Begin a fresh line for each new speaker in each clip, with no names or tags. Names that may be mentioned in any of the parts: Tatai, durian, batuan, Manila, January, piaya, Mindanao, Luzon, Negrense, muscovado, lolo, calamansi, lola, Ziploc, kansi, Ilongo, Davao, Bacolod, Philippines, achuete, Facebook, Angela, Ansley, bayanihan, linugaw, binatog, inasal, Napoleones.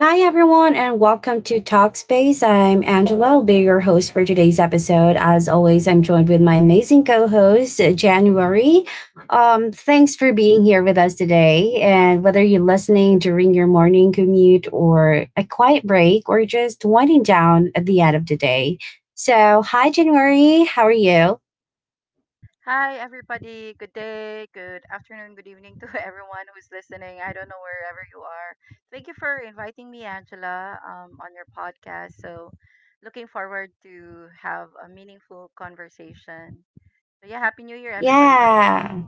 Hi, everyone, and welcome to Talkspace. I'm Angela, I'll be your host for today's episode. As always, I'm joined with my amazing co host, January. Thanks for being here with us today. And whether you're listening during your morning commute or a quiet break or just winding down at the end of the day. So, hi, January. How are you?
Hi, everybody. Good day, good afternoon, good evening to everyone who's listening. I don't know wherever you are. Thank you for inviting me, Angela, on your podcast. So, looking forward to have a meaningful conversation. So, yeah, Happy New Year, everybody, by the way.
Yeah.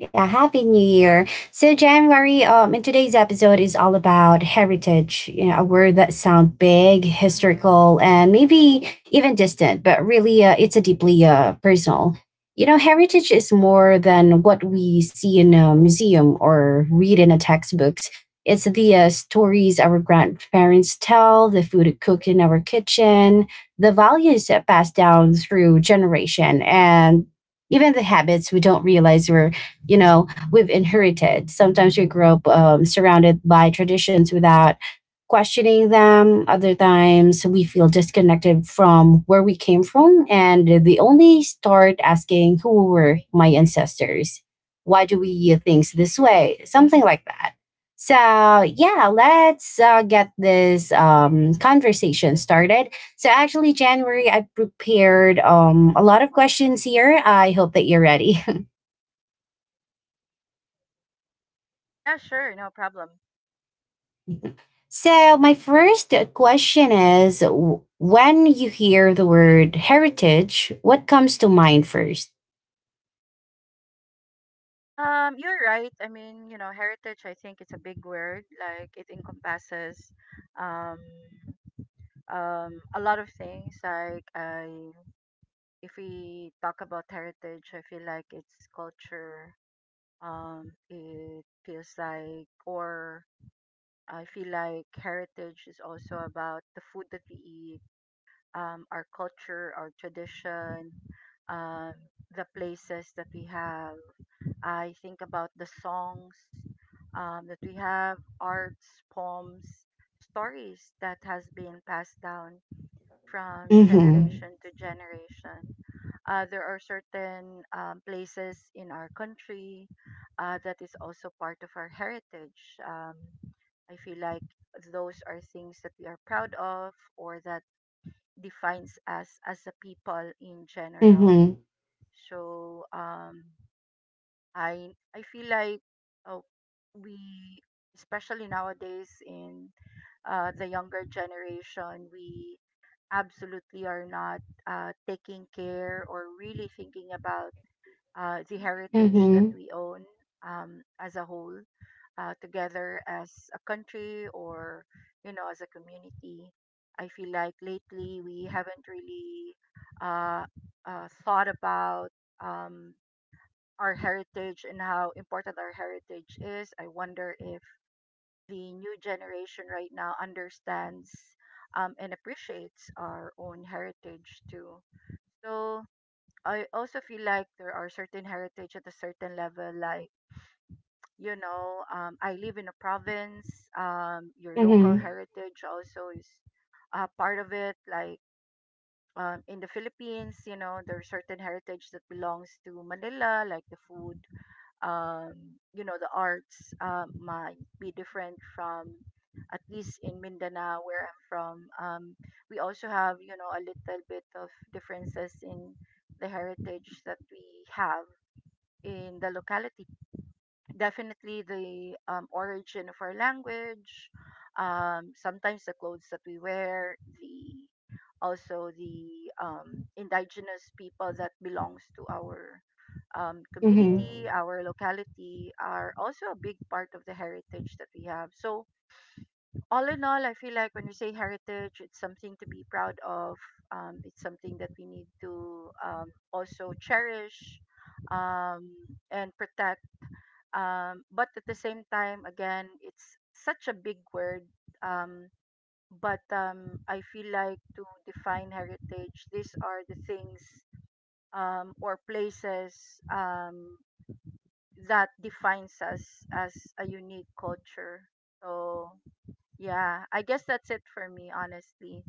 Yeah, happy new year. So, January, in today's episode is all about heritage, you know, a word that sound big,
Mm-hmm.
historical, and maybe even distant, but really it's a deeply personal. You know, heritage is more than what we see in a museum or read in a textbooks. It's the stories our grandparents tell, the food cooked in our kitchen, the values that passed down through generation, and even the habits we don't realize we're you know we've inherited. Sometimes we grow up surrounded by traditions without questioning them. Other times we feel disconnected from where we came from, and they only start asking, who were my ancestors, why do we do things this way, something like that. So yeah, let's get this conversation started. So actually, January, I prepared a lot of questions here, I hope that you're ready.
Yeah, sure, no problem.
So, my first question is, when you hear the word heritage, what comes to mind first?
You're right. I mean, you know, heritage. I think it's a big word. Like it encompasses um, a lot of things. Like I if we talk about heritage, I feel like it's culture. It feels like, or I feel like heritage is also about the food that we eat, our culture, our tradition, um, the places that we have. I think about the songs that we have, arts, poems, stories that has been passed down from
Mm-hmm.
generation to generation. There are certain places in our country that is also part of our heritage. I feel like those are things that we are proud of or that defines us as a people in general.
Mm-hmm.
So I feel like uh, we, especially nowadays in the younger generation, we absolutely are not taking care or really thinking about the heritage that
Mm-hmm.
we own as a whole, together as a country or, you know, as a community. I feel like lately we haven't really uh, thought about um, our heritage and how important our heritage is. I wonder if the new generation right now understands and appreciates our own heritage too. So I also feel like there are certain heritage at a certain level, like, you know, I live in a province, your local
Mm-hmm.
heritage also is a part of it. Like, in the Philippines, you know, there are certain heritage that belongs to Manila, like the food, you know, the arts, might be different from, at least in Mindanao, where I'm from. We also have, you know, a little bit of differences in the heritage that we have in the locality. Definitely the origin of our language, sometimes the clothes that we wear, the also the indigenous people that belongs to our
Mm-hmm.
community, our locality are also a big part of the heritage that we have. So all in all, I feel like when we say heritage, it's something to be proud of. It's something that we need to also cherish um, and protect but at the same time again it's such a big word um, but I feel like to define heritage these are the things or places that defines us as a unique culture. So yeah, I guess that's it for me honestly.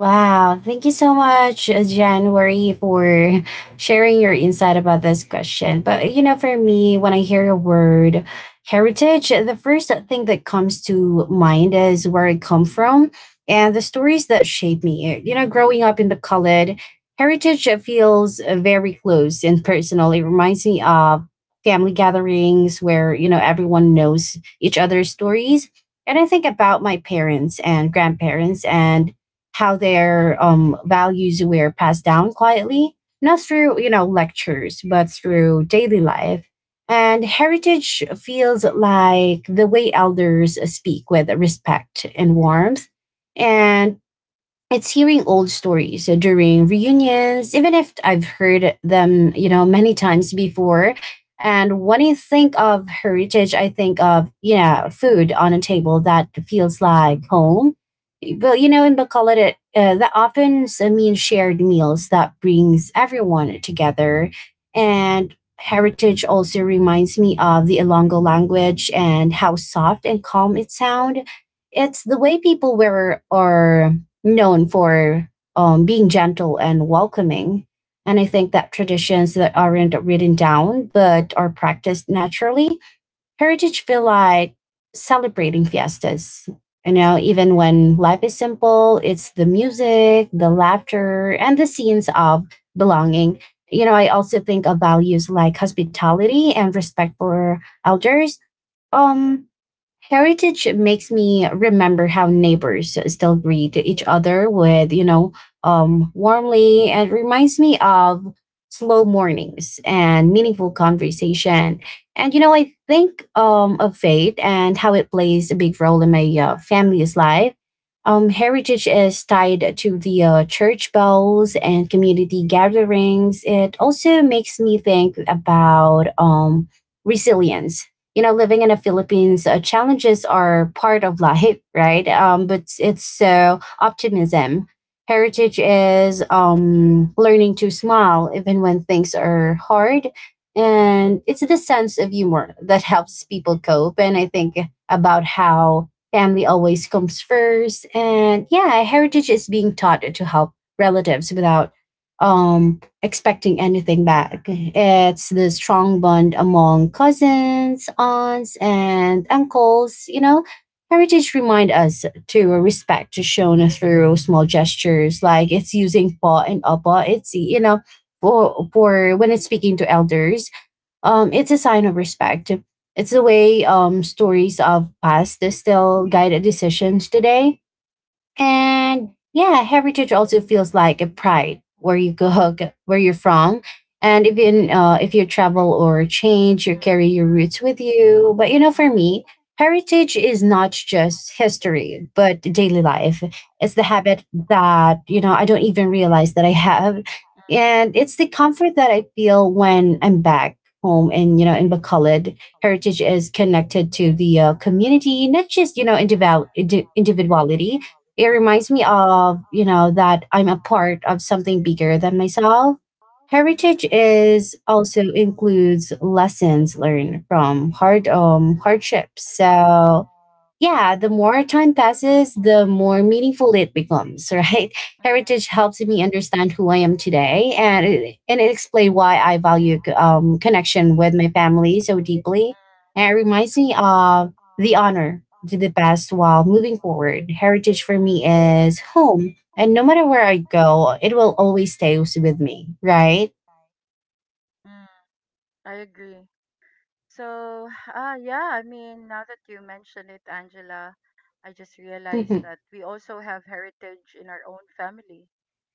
Wow. Thank you so much, January, for sharing your insight about this question. But, you know, for me, when I hear the word heritage, the first thing that comes to mind is where I come from and the stories that shape me. You know, growing up in the Khalid, heritage feels very close and personal. It reminds me of family gatherings where, you know, everyone knows each other's stories. And I think about my parents and grandparents and how their values were passed down quietly, not through you know lectures, but through daily life. And heritage feels like the way elders speak with respect and warmth, and it's hearing old stories during reunions, even if I've heard them, you know, many times before. And when I think of heritage, I think of, yeah, food on a table that feels like home. Well, you know, in Bacolod, it, that often means shared meals that brings everyone together. And heritage also reminds me of the Ilongo language and how soft and calm it sound. It's the way people wear or known for being gentle and welcoming. And I think that traditions that aren't written down but are practiced naturally, heritage feel like celebrating fiestas. You know, even when life is simple, it's the music, the laughter, and the scenes of belonging. You know, I also think of values like hospitality and respect for elders. Um, Heritage makes me remember how neighbors still greet each other with, you know, warmly, and reminds me of slow mornings and meaningful conversation. And, you know, I think of faith and how it plays a big role in my family's life. Heritage is tied to the church bells and community gatherings. It also makes me think about resilience. You know, living in the Philippines, challenges are part of life, right? But it's so optimism. Heritage is learning to smile even when things are hard. And it's the sense of humor that helps people cope. And I think about how family always comes first. And yeah, heritage is being taught to help relatives without um, expecting anything back. It's the strong bond among cousins, aunts, and uncles. You know, heritage remind us to respect shown through small gestures, like it's using pa and apa. It's you know, for when it's speaking to elders, it's a sign of respect. It's the way stories of past still guide decisions today. And yeah, heritage also feels like a pride where you go, where you're from. And even if you travel or change, you carry your roots with you. But you know, for me, heritage is not just history, but daily life. It's the habit that, you know, I don't even realize that I have. And it's the comfort that I feel when I'm back home, and, you know, in Bacolod heritage is connected to the community, not just you know
Mm, mm, mm,
individual
mhm,
individuality. It reminds me of, you know, that I'm a part of something bigger than myself. Heritage
mhm,
is also includes lessons learned from hard hardships. So yeah, the more time passes, the more meaningful it becomes, right?
mm,
Heritage helps me understand who I am today, and it explains why I value connection with my family so deeply.
mm,
And it reminds me of the honor to the past while moving forward. Heritage for
mm,
me is home. And no matter where I go, it will always stay with me, right?
mm, mm. I agree. So, yeah, I mean, now that you mention it, Angela, I just
Hmm.
realized that we also have heritage in our own family.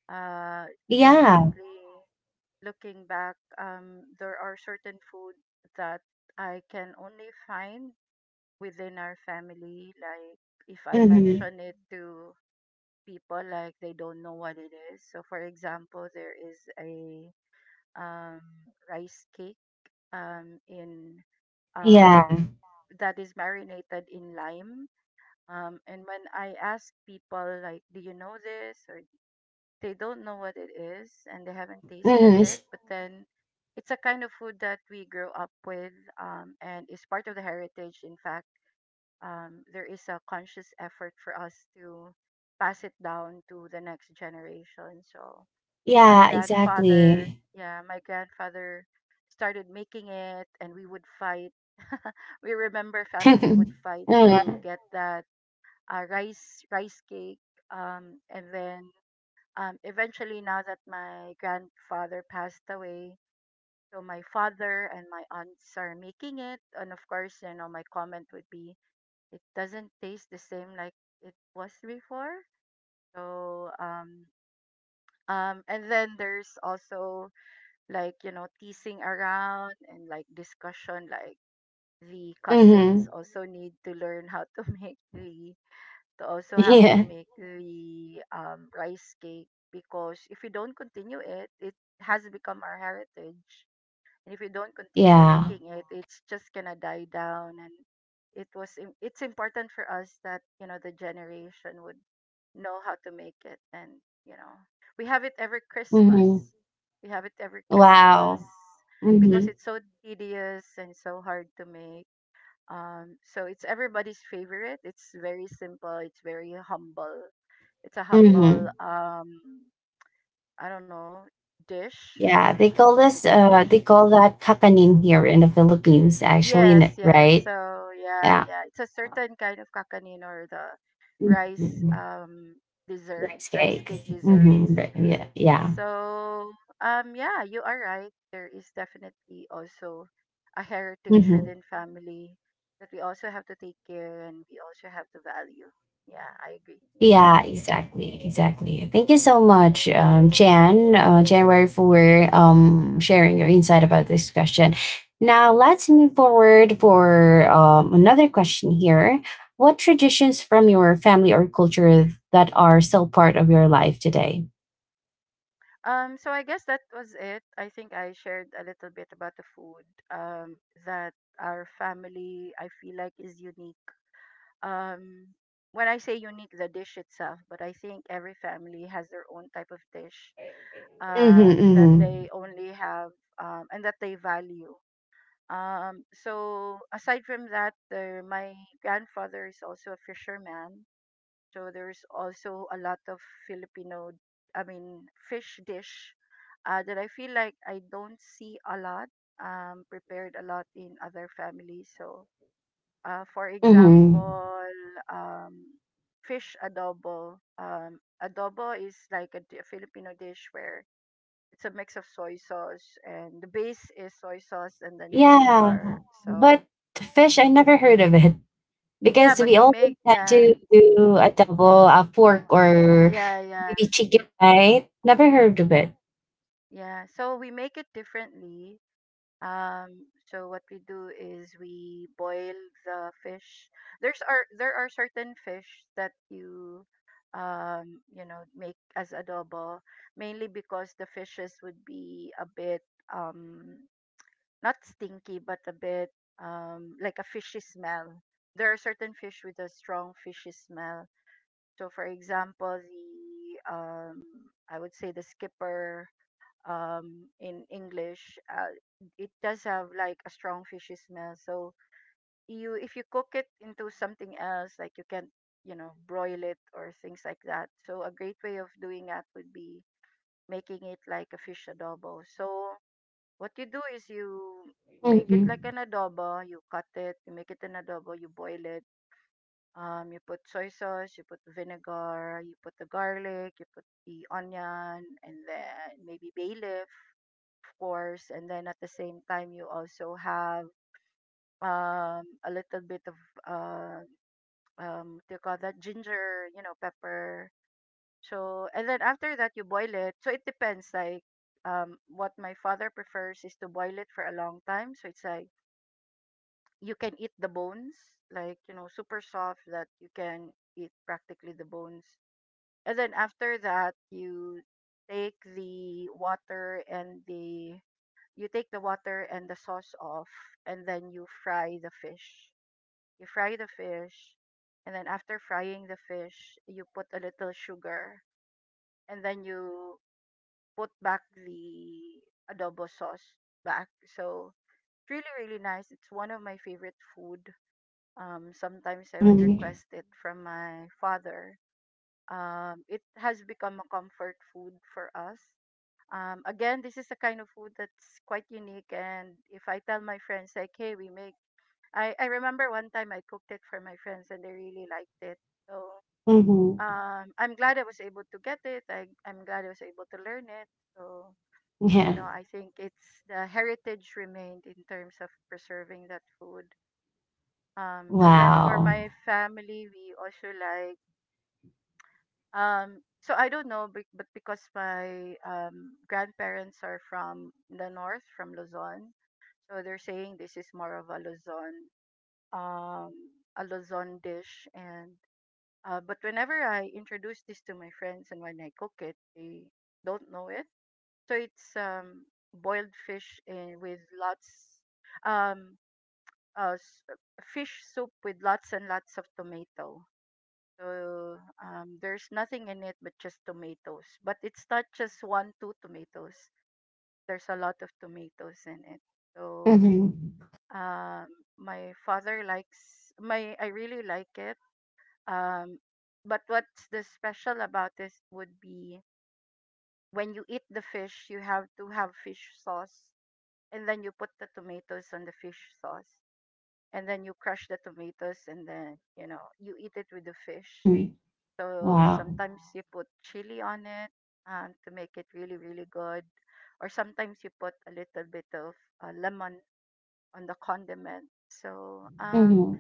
Uh,
Yeah.
Definitely looking back, there are certain food that I can only find within our family. Like, if I
Hmm.
mention it to people, like, they don't know what it is. So, for example, there is a um, rice cake in um,
Yeah.
that is marinated in lime. And when I ask people, like, do you know this? Or they don't know what it is and they haven't tasted
Hmm.
it. But then it's a kind of food that we grew up with and is part of the heritage. In fact, there is a conscious effort for us to pass it down to the next generation. So my
Yeah,
grandfather,
exactly.
yeah, my grandfather started making it and we remember family would fight to
Mhm.
get that uh, rice cake , and then eventually now that my grandfather passed away, so my father and my aunts are making it and of course, you know, my comment would be it doesn't taste the same like it was before. So and then there's also, like, you know, teasing around and like discussion, like the cousins
Mhm.
also need to learn how to make the to also have to
Yeah.
make the rice cake, because if we don't continue it, it has become our heritage. And if we don't continue
Yeah.
making it, it's just gonna die down. And it's important for us that you know the generation would know how to make it. And you know we have it every Christmas.
Mhm.
we have it every Christmas
Wow.
because
Mhm.
it's so tedious and so hard to make, so it's everybody's favorite. It's very simple. It's very humble. It's a humble,
Mhm.
I don't know, dish.
Yeah,
I
they
don't know
call
if it's
this
a dish.
they call that kakanin here in the Philippines actually,
Yes, yes. So
right?
yeah,
Yeah.
yeah. It's a certain kind of kakanino or the rice
Mhm.
dessert,
Rice
rice cake
cakes. Mhm.
desserts.
Right. Yeah. Yeah.
So, yeah, you are right. There is definitely also a heritage
Mhm.
within family that we also have to take care and we also have to value. Yeah, I agree.
Yeah, exactly, exactly. Thank you so much, Jan, January, for sharing your insight about this question. Now, let's move forward for another question here. What traditions from your family or culture that are still part of your life today?
So I guess that was it. I think I shared a little bit about the food um, that our family I feel like is unique. Um, when I say unique, the dish itself, but I think every family has their own type of dish
Mm-hmm,
that
mm-hmm,
they only have and that they value. So aside from that, my grandfather is also a fisherman. So there's also a lot of Filipino, fish dish that I feel like I don't see a lot prepared a lot in other families. So, for
mm-hmm.
example, um, fish adobo. Adobo is like Filipino dish where it's a mix of soy sauce and the base is soy sauce and then
Yeah,
vinegar.
but
So
fish, I never heard of it
yeah,
because
but
we
we
always
make
had
yeah,
to do a double, a fork, or
yeah, yeah.
maybe chicken, right? Never heard of it.
Yeah, so we make it differently. So what we do is we boil the fish. There are certain fish that you you know make as adobo, mainly because the fishes would be a bit um not stinky but a bit like a fishy smell. There are certain fish with a strong fishy smell. So for example, the I would say the skipper in English, it does have like a strong fishy smell. So you if you cook it into something else, like you can you know broil it or things like that. So a great way of doing that would be making it like a fish adobo. So what you do is you make it
Mm-hmm.
like an adobo. You cut it, you make it an adobo, you boil it, you put soy sauce, you put vinegar, you put the garlic, you put the onion, and then maybe bay leaf, of course. And then at the same time, you also have a little bit of uh, what do you call that, ginger, you know, pepper. So and then after that, you boil it. So it depends. Like what my father prefers is to boil it for a long time. So it's like you can eat the bones, like you know, super soft that you can eat practically the bones. And then after that, you take the water and the you take the water and the sauce off, and then you fry the fish. You fry the fish, and then after frying the fish, you put a little sugar, and then you put back the adobo sauce back. So it's really really nice. It's one of my favorite food. Sometimes I would
Mm-hmm.
request it from my father, it has become a comfort food for us. Again, this is a kind of food that's quite unique. And if I tell my friends, like, hey, I remember one time I cooked it for my friends and they really liked it. So
Mm-hmm.
I'm glad I was able to get it. I'm glad I was able to learn it. So, you
Yeah.
know, I think it's the heritage remained in terms of preserving that food. And then for
Wow.
my family, we also like, so I don't know, but because my grandparents are from the north, from Luzon, so they're saying this is more of um, a Luzon dish. And but whenever I introduce this to my friends and when I cook it, they don't know it. So it's boiled fish with lots, um, uh, s- fish soup with lots and lots of tomato. So there's nothing in it but just tomatoes. But it's not just one, two tomatoes. There's a lot of tomatoes in it. So
Mm-hmm.
Um, my father likes my. I really like it. Um, but what's the special about this would be when you eat the fish, you have to have fish sauce, and then you put the tomatoes on the fish sauce, and then you crush the tomatoes, and then you eat it with the fish.
Mm-hmm.
So
Wow.
sometimes you put chili on it to make it really really good, or sometimes you put a little bit of lemon on the condiment. So
Mm-hmm.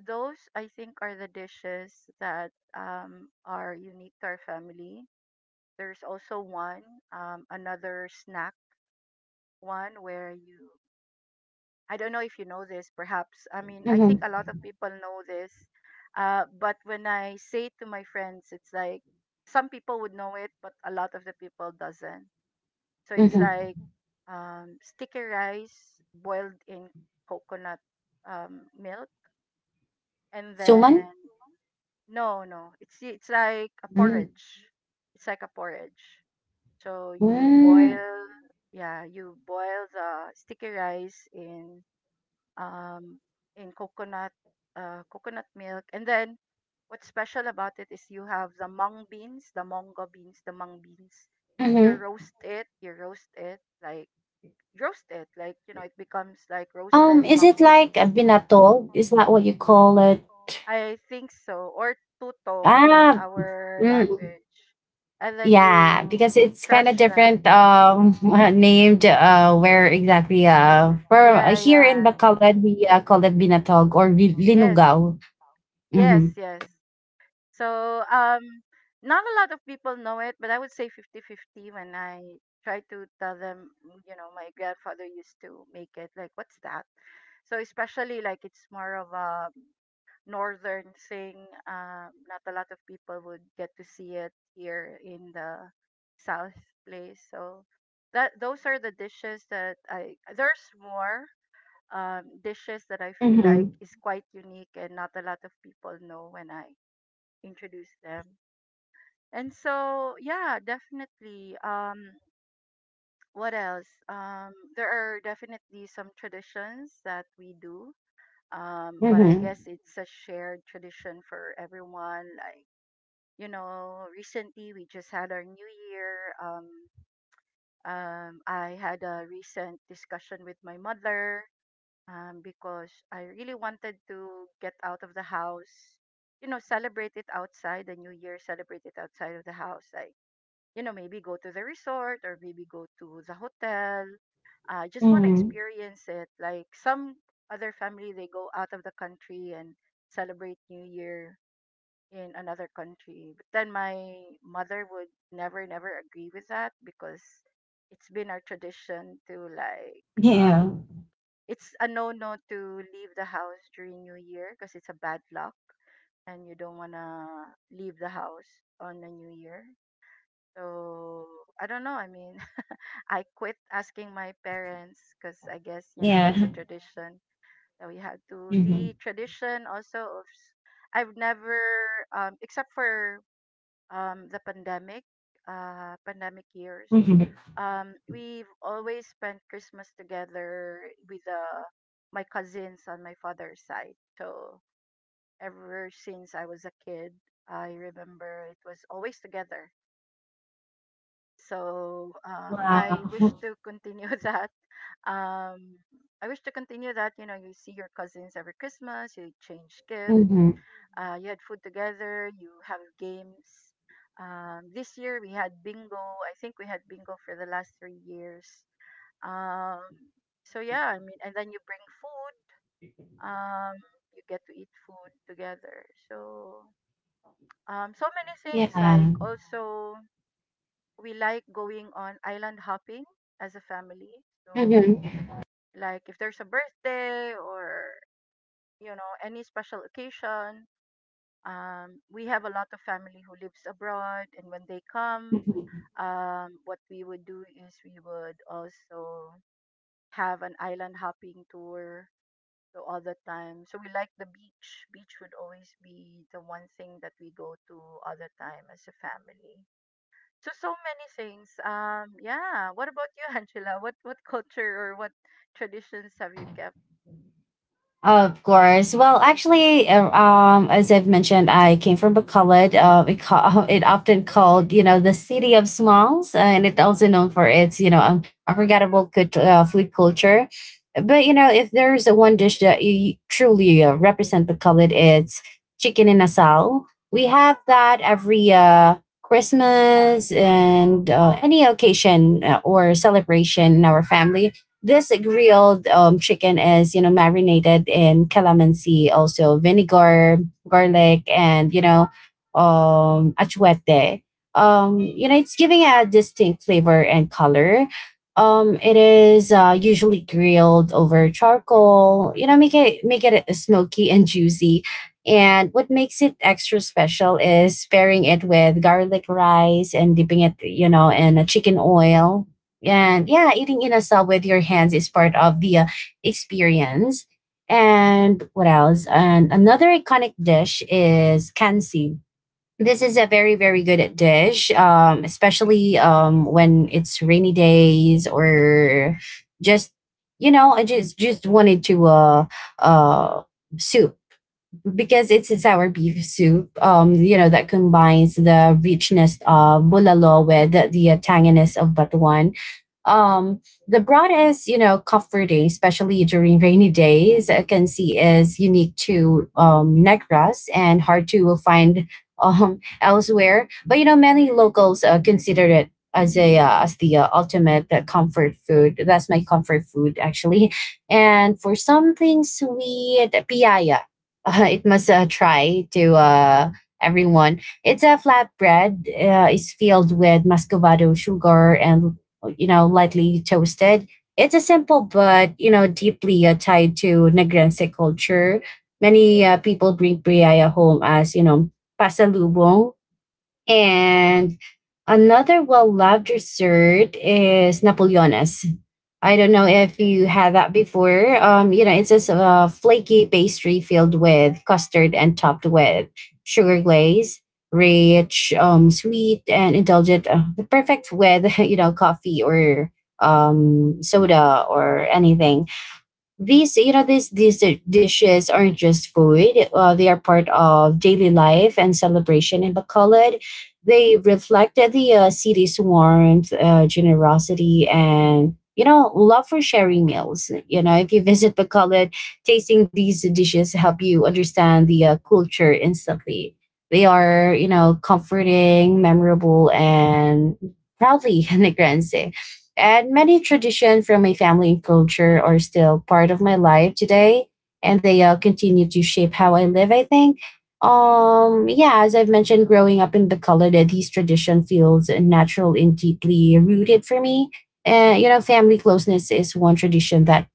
those I think are the dishes that are unique to our family. There's also one, another snack one where you, I don't know if you know this, perhaps. I mean, I think
Mm-hmm.
a lot of people know this. But when I say to my friends, it's like some people would know it, but a lot of the people doesn't. So it's
Mm-hmm.
like sticky rice boiled in coconut milk, and
Suman?
then no, no, it's like a
Mm-hmm.
porridge. It's like a porridge. So you
Mm-hmm.
boil, yeah, you boil the sticky rice um in coconut coconut milk, and then what's special about it is you have the mung beans, the mongo beans, the mung beans. You roast it like it becomes like roasted
Is it
mung
like
beans.
a binatog? Is that what you call it?
I think so. Or tutong in
Ah,
our
mm,
language. And then
yeah,
you
because it's kind
crush
of
the,
different named where exactly for
yeah,
here
yeah.
in Bacolod we call it binatog or
Yes.
linugaw.
Yes,
Mhm.
yes. So, not a lot of people know it, but I would say fifty-fifty when I try to tell them, my grandfather used to make it like what's that? So, especially like it's more of a northern thing. Not a lot of people would get to see it here in the south place. So that those are the dishes that I. There's more dishes that I feel like
Mhm.
is quite unique and not a lot of people know when I introduce them. And so yeah, definitely. What else? There are definitely some traditions that we do but I
Mhm.
guess it's a shared tradition for everyone. Like recently we just had our New Year. I had a recent discussion with my mother because I really wanted to get out of the house, celebrate it outside, the New Year, celebrate it outside of the house. Like, maybe go to the resort or maybe go to the hotel. I just want to
Mhm.
experience it. Like some other family, they go out of the country and celebrate New Year in another country. But then my mother would never, never agree with that because it's been our tradition to like,
Yeah.
um it's a no no to leave the house during New Year because it's a bad luck and you don't wanna leave the house on the New Year. So I don't know. I mean, I quit asking my parents because I guess that's
Yeah.
a tradition that we have to.
Mhm.
The tradition also of I've never, except for the pandemic, pandemic years.
Mhm.
We've always spent Christmas together with my cousins on my father's side. So ever since I was a kid, I remember it was always together. So I
Wow.
wish to continue that. Um, I wish to continue that. You see your cousins every Christmas, you exchange gift,
Mhm.
you had food together. You have games. This year we had bingo. I think we had bingo for the last 3 years. Um, so yeah, I mean, and then you bring food. Um, you get to eat food together. So so many
Yeah.
things. Like also, we like going on island hopping as a family. So
Mhm.
like if there's a birthday or any special occasion, we have a lot of family who lives abroad, and when they come,
Mhm.
what we would do is we would also have an island hopping tour. So all the time, so we like the beach. Beach would always be the one thing that we go to all the time as a family. So so many things. Yeah. What about you, Angela? What culture or what traditions have you kept?
Of course. Well, actually, as I've mentioned, I came from Bacolod. It often called, you know, the city of smalls, and it's also known for its, you know, unforgettable good, food culture. But you know, if there's a one dish that you truly represent Bacolod, it's chicken in asal. We have that every Christmas and any occasion or celebration in our family. This grilled chicken is you know marinated in calamansi, also vinegar, garlic, and you know achuete. You know it's giving a distinct flavor and color. It is usually grilled over charcoal, you know, make it smoky and juicy. And what makes it extra special is pairing it with garlic rice and dipping it you know in a chicken oil. And yeah, eating inasal with your hands is part of the experience. And what else? And another iconic dish is kansi. This is a very, very good dish, especially when it's rainy days, or just, you know, I just wanted to uh, soup, because it's a sour beef soup. You know that combines the richness of bulalo with the tanginess of batuan, um the broadest, you know comforting especially during rainy days I can see is unique to negras and hard to will find elsewhere. But you know many locals consider it as a as the ultimate comfort food. That's my comfort food actually. And for something sweet, piaya, it must try to everyone. It's a flatbread. It's filled with muscovado sugar and you know, lightly toasted. It's a simple but, you know, deeply tied to Negrense culture. Many people bring priaya home as, you know, pasalubong. And another well loved dessert is Napoleones. I don't know if you had that before. You know, it's just a flaky pastry filled with custard and topped with sugar glaze, rich, sweet, and indulgent. Perfect with you know coffee or soda or anything. These Irades these dishes aren't just food. They are part of daily life and celebration in Bacolod. They reflect the city's warmth, generosity, and you know love for sharing meals. You know, if you visit Bacolod, tasting these dishes help you understand the culture instantly. They are, comforting, memorable, and proudly Negrense. And many traditions from my family and culture are still part of my life today, and they continue to shape how I live, I think. Yeah, as I've mentioned, growing up in the Colorado, these tradition feels natural and deeply rooted for me. And family closeness is one tradition that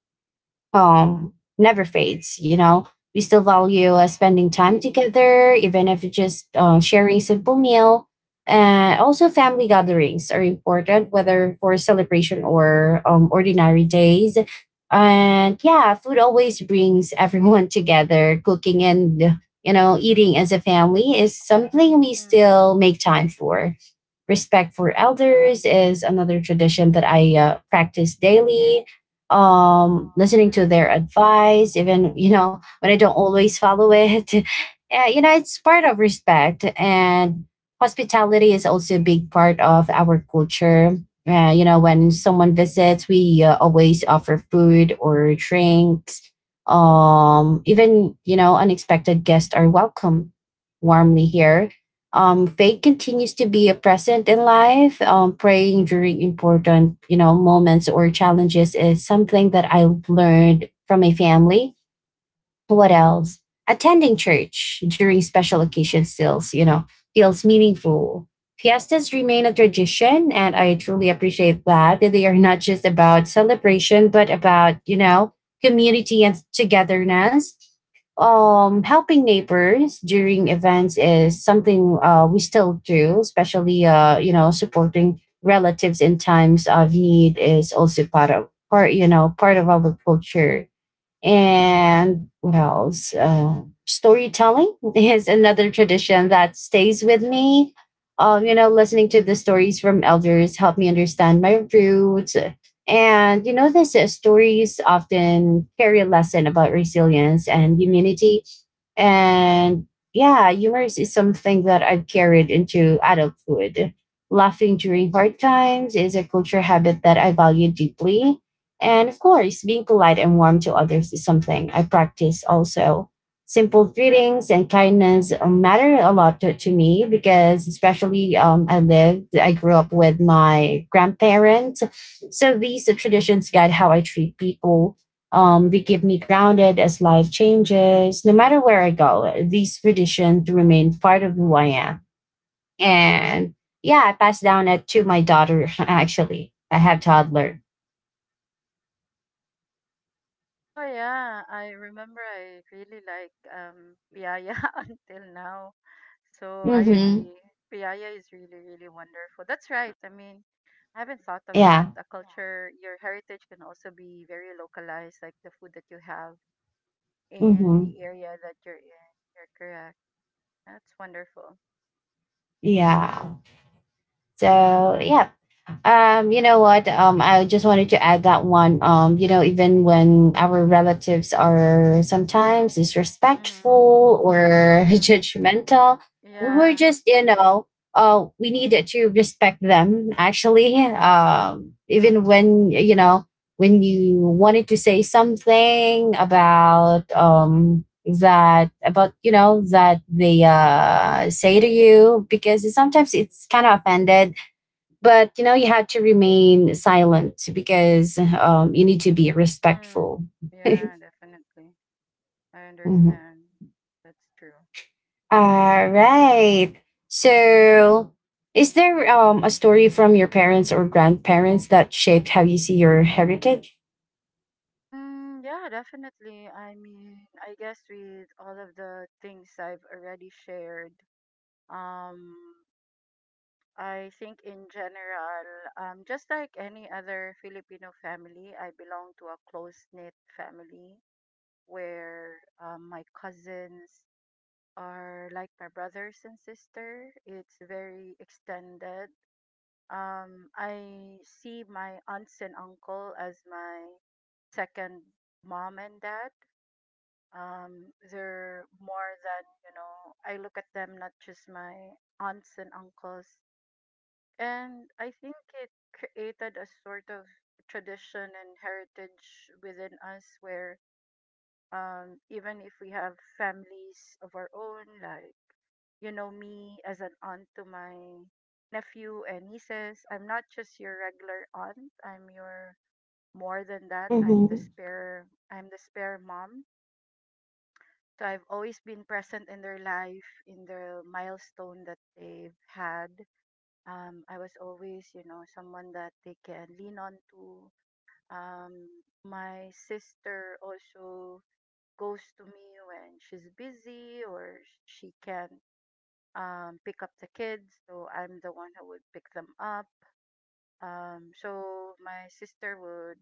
never fades. We still value
Mm.
spending time together, even if it's just sharing simple meal. And also, family gatherings are important, whether for celebration or ordinary days. And yeah, food always brings everyone together. Cooking and eating as a family is something we
Mm.
still make time for. Respect for elders is another tradition that I practice daily. Um,
Mm.
listening to their advice, even when I don't always follow it, it's part of respect. And hospitality is also a big part of our culture. When someone visits, we always offer food or drinks. Even unexpected guests are welcome warmly here. Faith continues to be a present in life. Praying during important, moments or challenges is something that I learned from my family. What else? Attending church during special occasions feels meaningful. Fiestas remain a tradition, and I truly appreciate that. They are not just about celebration, but about, community and togetherness. Helping neighbors during events is something we still do, especially, supporting relatives in times of need is also part of part, you know, part of our culture. And what else? Storytelling is another tradition that stays with me. Listening to the stories from elders helped me understand my roots. And these stories often carry a lesson about resilience and humanity. And yeah, humor is something that I've carried into adulthood. Laughing during hard times is a culture habit that I value deeply. And of course, being polite and warm to others is something I practice also. Simple greetings and kindness matter a lot to me, because, especially, I grew up with my grandparents. So these traditions guide how I treat people. They keep me grounded as life changes. No matter where I go, these traditions remain part of who I am. And yeah, I pass down it to my daughter. Actually, I have toddler.
Oh yeah, I remember I really like Piaya until now. So I
Mm-hmm.
agree. Piaya is really, really wonderful. That's right. I mean, I haven't thought of that.
Yeah.
A culture, your heritage can also be very localized, like the food that you have in
Mm-hmm.
the area that you're in. You're correct. That's wonderful.
Yeah. So yeah. You know what? I just wanted to add that one. Even when our relatives are sometimes
Mm-hmm.
disrespectful
Mm.
or judgmental, we
Yeah.
were just, you know, we needed to respect them actually. Even when you wanted to say something about that they say to you, because sometimes it's kind of offended. But you had to remain silent, because you need to be
Mm.
respectful.
Yeah, definitely. I
Mhm.
understand. That's true.
All right. So is there a story from your parents or grandparents that shaped how you see your heritage?
Mm, yeah, definitely. I mean, I guess with all of the things I've already shared, um, I think in general, just like any other Filipino family, I belong to a close-knit family where my cousins are like my brothers and sister. It's very extended. I see my aunts and uncle as my second mom and dad. um they're more than you know. I look at them, not just my aunts and uncles. And I think it created a sort of tradition and heritage within us where, even if we have families of our own, like, me as an aunt to my nephew and nieces, I'm not just your regular aunt, I'm your more than that,
Mm-hmm.
I'm the spare mom. So I've always been present in their life, in the milestone that they've had. I was always, someone that they can lean on to. Um, my sister also goes to me when she's busy or she can pick up the kids. So I'm the one who would pick them up. So my sister would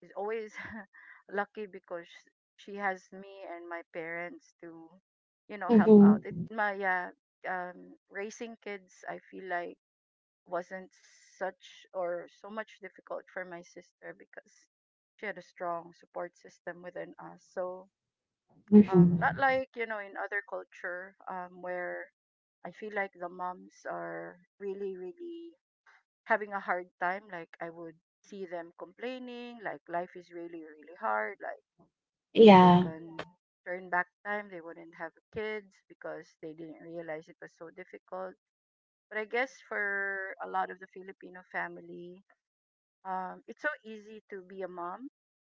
is always lucky because she has me and my parents to help out it
Mm-hmm.
my raising kids. I feel like wasn't such or so much difficult for my sister because she had a strong support system within us. So not
Mm-hmm.
like, in other culture, where I feel like the moms are really really having a hard time, like I would see them complaining, like life is really really hard, like if they
Yeah.
can turn back time, they wouldn't have kids because they didn't realize it was so difficult. But I guess for a lot of the Filipino family, it's so easy to be a mom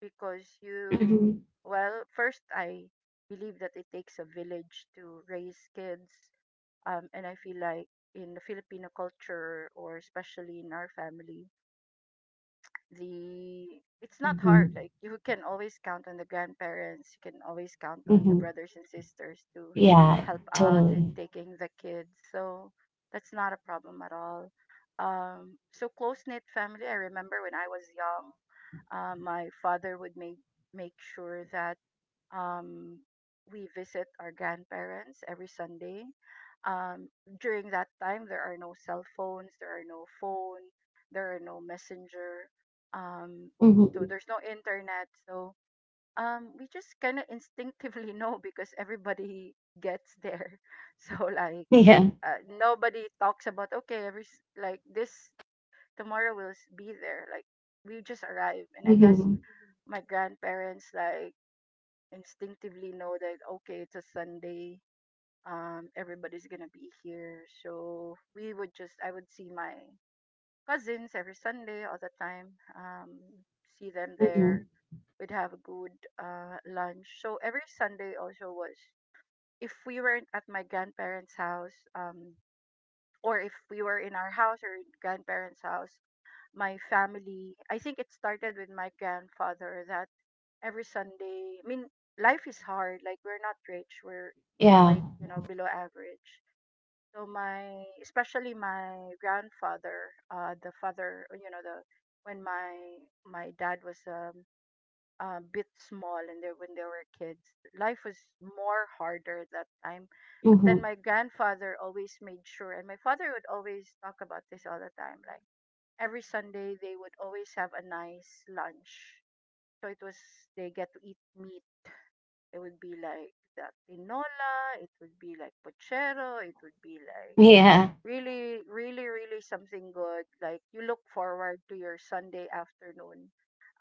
because
Mm-hmm.
well, first, I believe that it takes a village to raise kids. And I feel like in the Filipino culture, or especially in our family, the it's not hard,
Mm-hmm.
like you can always count on the grandparents, you can always count on the
Mm-hmm.
brothers and sisters to
Yeah,
help out with
totally.
taking the kids, so that's not a problem at all. So close knit family. I remember when I was young, my father would make sure that um, we visit our grandparents every Sunday. Um, During that time, there are no cell phones, there are no phone, there are no messenger, um, so
Mm-hmm.
there's no internet. So we just kind of instinctively know because everybody gets there. So like,
Yeah.
nobody talks about okay, every like this tomorrow will be there. Like we just arrive, and I guess
Mm-hmm.
my grandparents like instinctively know that okay it's a Sunday, everybody's gonna be here. So we would just I would see my cousins every Sunday all the time, um see them
Mm-hmm.
there. We'd have a good lunch. So every Sunday also was, if we weren't at my grandparents house, or if we were in our house or in grandparents house, my family, I think it started with my grandfather, that every Sunday, I mean, life is hard. Like we're not rich. We're
Yeah.
quite, below average. So especially my grandfather, the father, you know, the when my dad was a bit small, and they when they were kids, life was more harder that time. But then
Mm-hmm.
my grandfather always made sure, and my father would always talk about this all the time. Like every Sunday, they would always have a nice lunch. So it was they get to eat meat, it would be like that tinola. It would be like pochero. It would be like
Yeah.
really, really, really something good. Like you look forward to your Sunday afternoon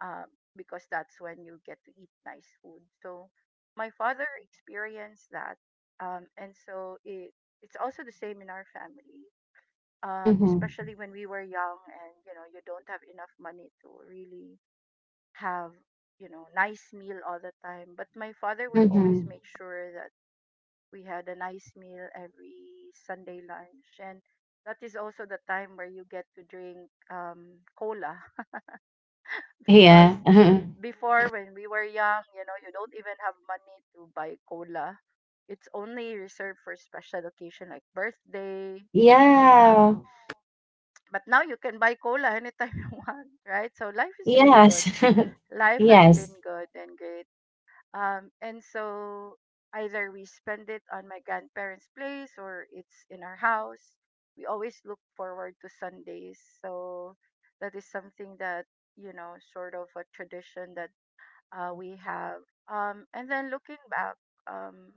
because that's when you get to eat nice food. So my father experienced that. And so it's also the same in our family,
Mm-hmm.
especially when we were young and, you don't have enough money to really have nice meal all the time. But my father would always
Mm-hmm.
make sure that we had a nice meal every Sunday lunch. And that is also the time where you get to drink cola because
Yeah.
before, when we were young, you don't even have money to buy cola. It's only reserved for special occasion like birthday, something like that.
Yeah.
But now you can buy cola anytime you want, right? So life is really good.
Yes.
Life has been
Yes.
good and great. And so either we spend it on my grandparents' place or it's in our house. We always look forward to Sundays. So that is something that, you know, sort of a tradition that we have. And then looking back, um,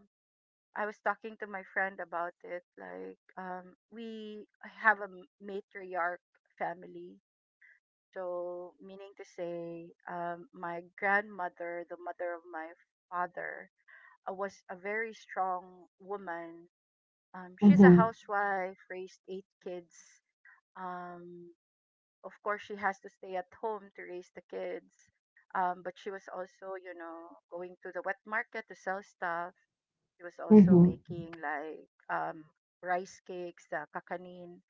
I was talking to my friend about it. Like, we have a matriarch family. So, meaning to say, my grandmother, the mother of my father, was a very strong woman. She's a
Mm-hmm.
housewife, raised eight kids. Um, of course, she has to stay at home to raise the kids. But she was also, you know, going to the wet market to sell stuff. She was also
Mm-hmm.
making like rice cakes, the kakanin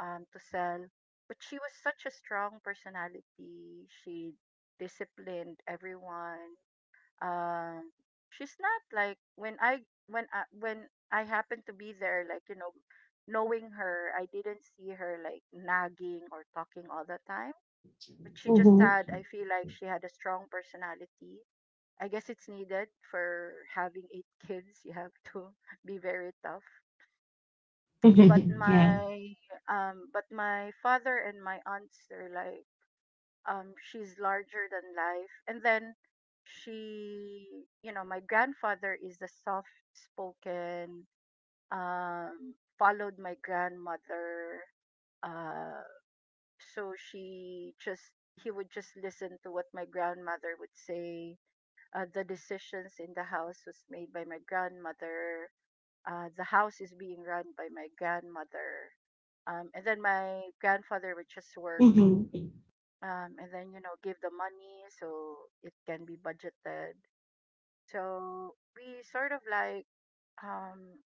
to sell. But she was such a strong personality. She disciplined everyone. uh, she's not like when I when I happened to be there, like, you know, knowing her, I didn't see her like nagging or talking all the time. But she just had,
Mm-hmm.
I feel like she had a strong personality. I guess it's needed for having eight kids. You have to be very tough. But
Yeah.
my father and my aunts, they're like she's larger than life. And then she you know my grandfather is the soft spoken, followed my grandmother. uh so she just he would just listen to what my grandmother would say. The decisions in the house was made by my grandmother. The house is being run by my grandmother. And then my grandfather would just work,
Mm-hmm.
and then give the money so it can be budgeted. So we sort of like um,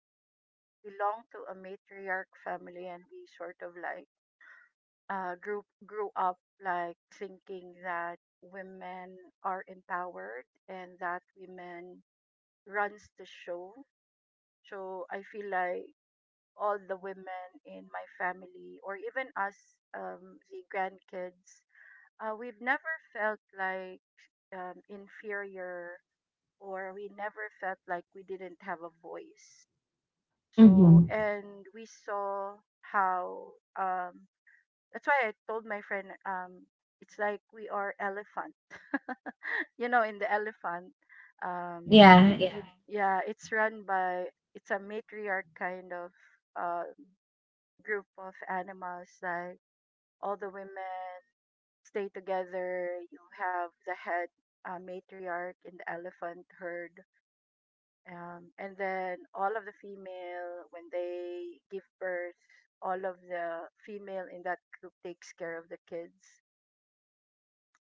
belong to a matriarch family, and we sort of like grew up like thinking that women are empowered and that women runs the show. So I feel like all the women in my family, or even us, the grandkids, we've never felt like inferior, or we never felt like we didn't have a voice. So,
Mm-hmm.
and we saw how, um, that's why I told my friend, it's like we are elephant. You know, in the elephant, um,
Yeah. Yeah.
yeah, it's run by, it's a matriarch kind of uh, group of animals, like all the women stay together. You have the head matriarch in the elephant herd. And then all of the female, when they give birth, all of the female in that group takes care of the kids.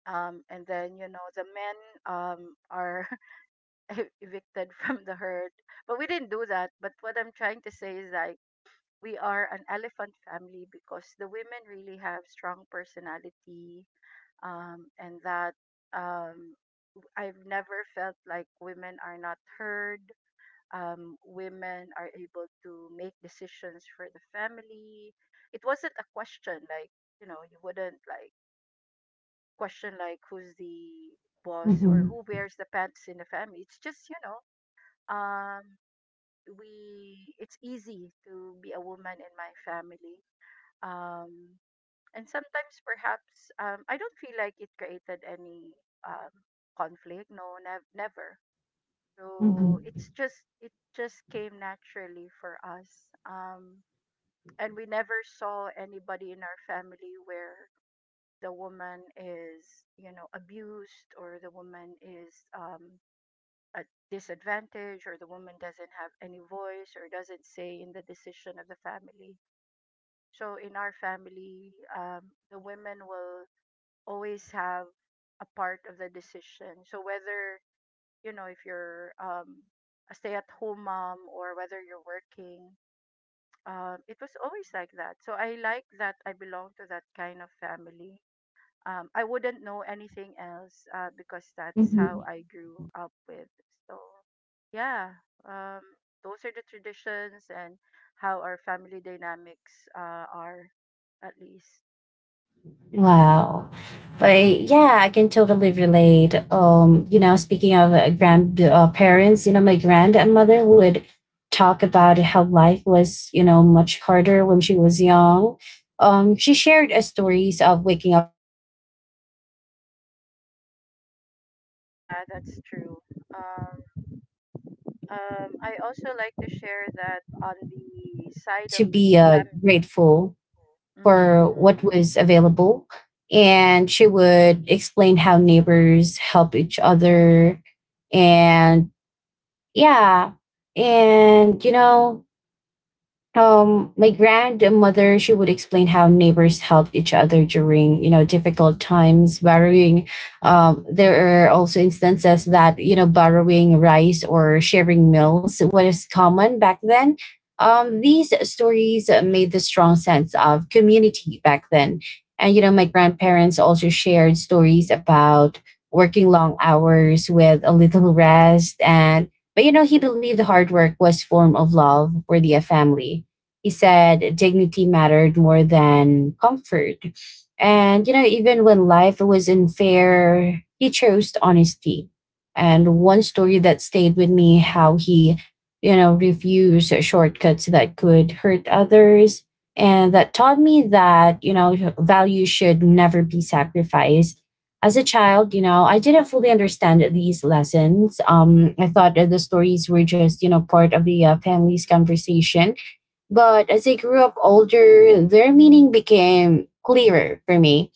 And then, you know, the men are evicted from the herd. But we didn't do that. But what I'm trying to say is like, we are an elephant family because the women really have strong personality, and that um, I've never felt like women are not heard. Women are able to make decisions for the family. It wasn't a question like, you know, you wouldn't like question like who's the boss or
Mm-hmm.
who wears the pants in the family. It's just, you know, um, we it's easy to be a woman in my family. Um, and sometimes perhaps I don't feel like it created any um, conflict. No, never. So
Mm-hmm.
it just came naturally for us. Um and we never saw anybody in our family where the woman is, you know, abused, or the woman is at disadvantage, or the woman doesn't have any voice or doesn't say in the decision of the family. So in our family, the women will always have a part of the decision. So whether, you know, if you're a stay at home mom, or whether you're working. It was always like that. So I like that I belong to that kind of family. I wouldn't know anything else because that's how
Mm-hmm.
I grew up with. So, yeah, um, those are the traditions and how our family dynamics are, at least.
Wow. But yeah, I can totally relate. Speaking of grandparents, my grandmother would talk about how life was, much harder when she was young. She shared stories of waking up early just to help, the families survive. There
Yeah,
were
that's true.
times when they
Um,
didn't have much food,
I also
but,
like to
instead
share
of
that on
complaining, they
the
learned
side
to
of the
be
family.
grateful
Mhm, mhm.
for
Yeah.
what was available. And she would explain how neighbors help each other. And yeah. And, my grandmother, she would explain how neighbors helped each other during difficult times, borrowing. There are also instances that borrowing rice or sharing meals was common back then. These stories made the strong sense of community back then. And my grandparents also shared stories about working long hours with a little rest. And but, he believed hard work was form of love for the family. He said dignity mattered more than comfort. And, even when life was unfair, he chose honesty. And one story that stayed with me, how he, refused shortcuts that could hurt others. And that taught me that, value should never be sacrificed. As a child, I didn't fully understand these lessons. I thought that the stories were just, part of the family's conversation, but as I grew up older, their meaning became clearer for me.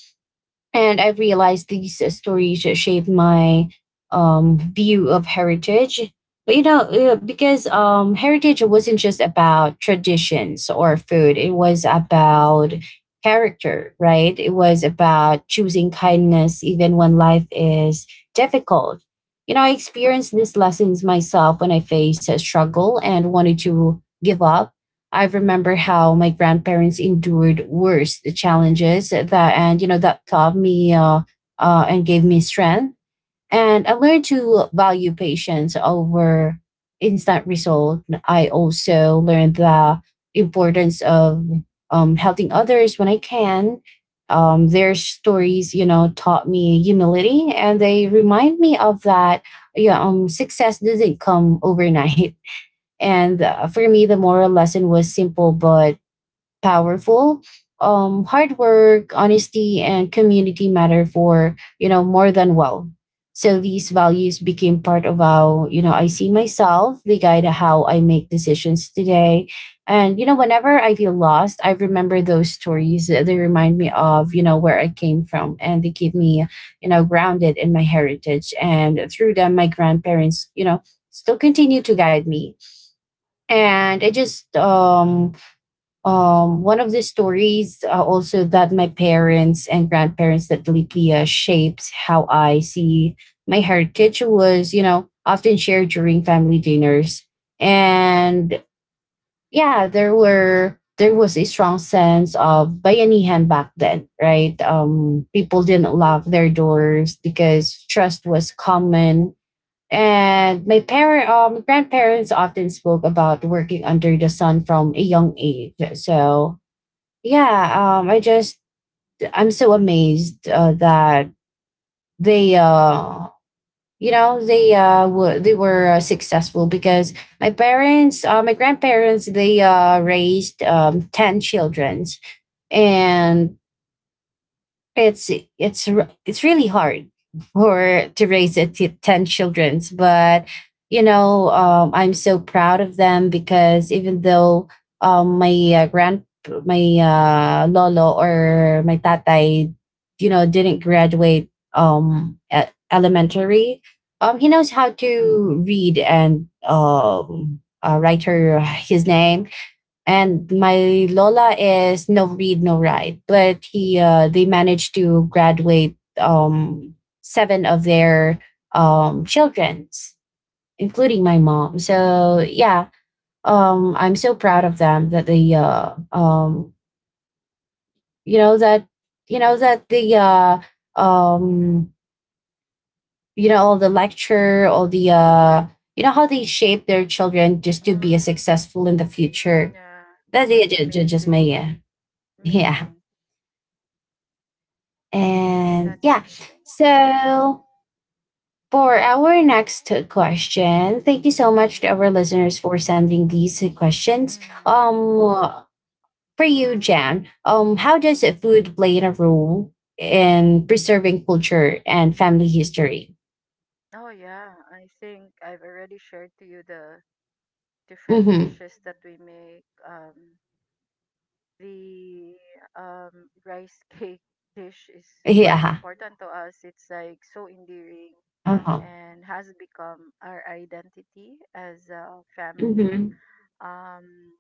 And I've realized these stories shaped my view of heritage. But because heritage wasn't just about traditions or food, it was about character, right? It was about choosing kindness even when life is difficult. You know, I experienced these lessons myself when I faced a struggle and wanted to give up. I remember how my grandparents endured worse, the challenges that, and that taught me, and gave me strength. And I learned to value patience over instant result. I also learned the importance of helping others when I can. Their stories, taught me humility, and they remind me of that. Yeah, success doesn't come overnight. And for me, the moral lesson was simple but powerful. Hard work, honesty, and community matter for more than well. So these values became part of how I see myself. They guide how I make decisions today. And whenever I feel lost, I remember those stories. They remind me of where I came from, and they keep me grounded in my heritage. And through them, my grandparents still continue to guide me. And i just um um one of the stories also that my parents and grandparents, that lately shapes how I see my heritage, was often shared during family dinners. And yeah, there was a strong sense of bayanihan back then, right? People didn't lock their doors because trust was common. And my grandparents often spoke about working under the sun from a young age. So yeah, I'm so amazed that they, you know, they were they were successful, because my grandparents, they raised 10 children, and it's it's really hard for to raise a 10 children's. But I'm so proud of them, because even though um, my uh, grand my lolo, or my Tatai, didn't graduate at elementary, he knows how to read and write her his name. And my lola is no read no write, but he they managed to graduate seven of their children's, including my mom. So yeah, I'm so proud of them that they you know you know that the uh um all the lecture, all the you know how they shape their children just to be a
Mm,
successful in the future.
yeah,
That's it.
that's
Just
amazing.
me. Yeah. Yeah.
Amazing. I think
And
that's
yeah,
amazing.
so for our next question, thank you so much
Mhm.
to our listeners for sending these questions.
Mm.
Um, for you, Jan, how does food play a role in preserving culture and family history?
Oh yeah, I think I've already shared to you the different
Mm-hmm.
dishes that we make. The rice cake dish is quite
Yeah.
important to us. It's like so endearing
Uh-huh. Uh-huh.
and has become our identity as a family.
Mm-hmm.
Um,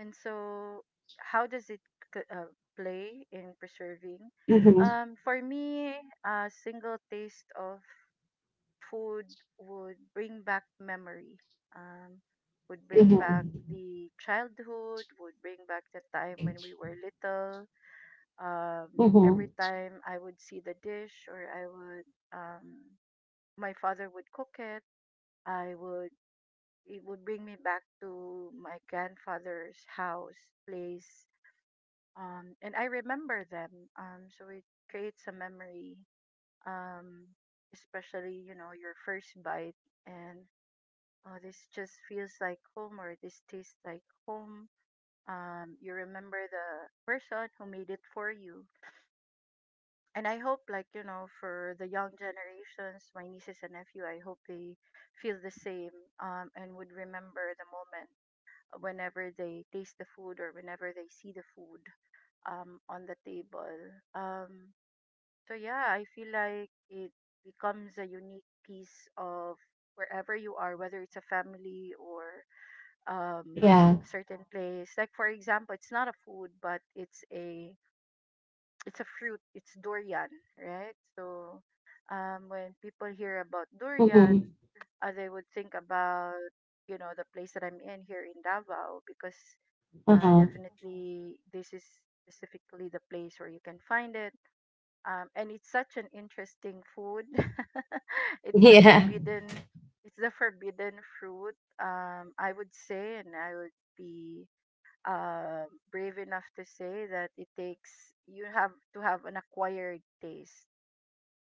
And so, how does it c- uh, play in preserving?
Mm-hmm.
For me, a single taste of food would bring back memory, um, would bring
Mm-hmm.
back the childhood, would bring back the time when we were little.
Mm-hmm.
Every time I would see the dish or I would, my father would cook it, I would it would bring me back to my grandfather's house, place, and I remember them. So it creates a memory, um, especially, you know, your first bite, and oh, this just feels like home, or this tastes like home. You remember the person who made it for you, and I hope, like, you know, for the young generations, my nieces and nephew, I hope they feel the same, and would remember the moment whenever they taste the food or whenever they see the food on the table. Um, So yeah, I feel like it becomes a unique piece of wherever you are, whether it's a family or um,
Yeah.
a certain place. Like for example, it's not a food, but it's a fruit. It's durian, right? So when people hear about durian,
Mm-hmm.
they would think about, you know, the place that I'm in here in Davao, because
Uh-huh.
definitely this is specifically the place where you can find it, and it's such an interesting food. it's the
Yeah.
forbidden, it's the forbidden fruit. I would say, and I would be brave enough to say that it takes you have to have an acquired taste.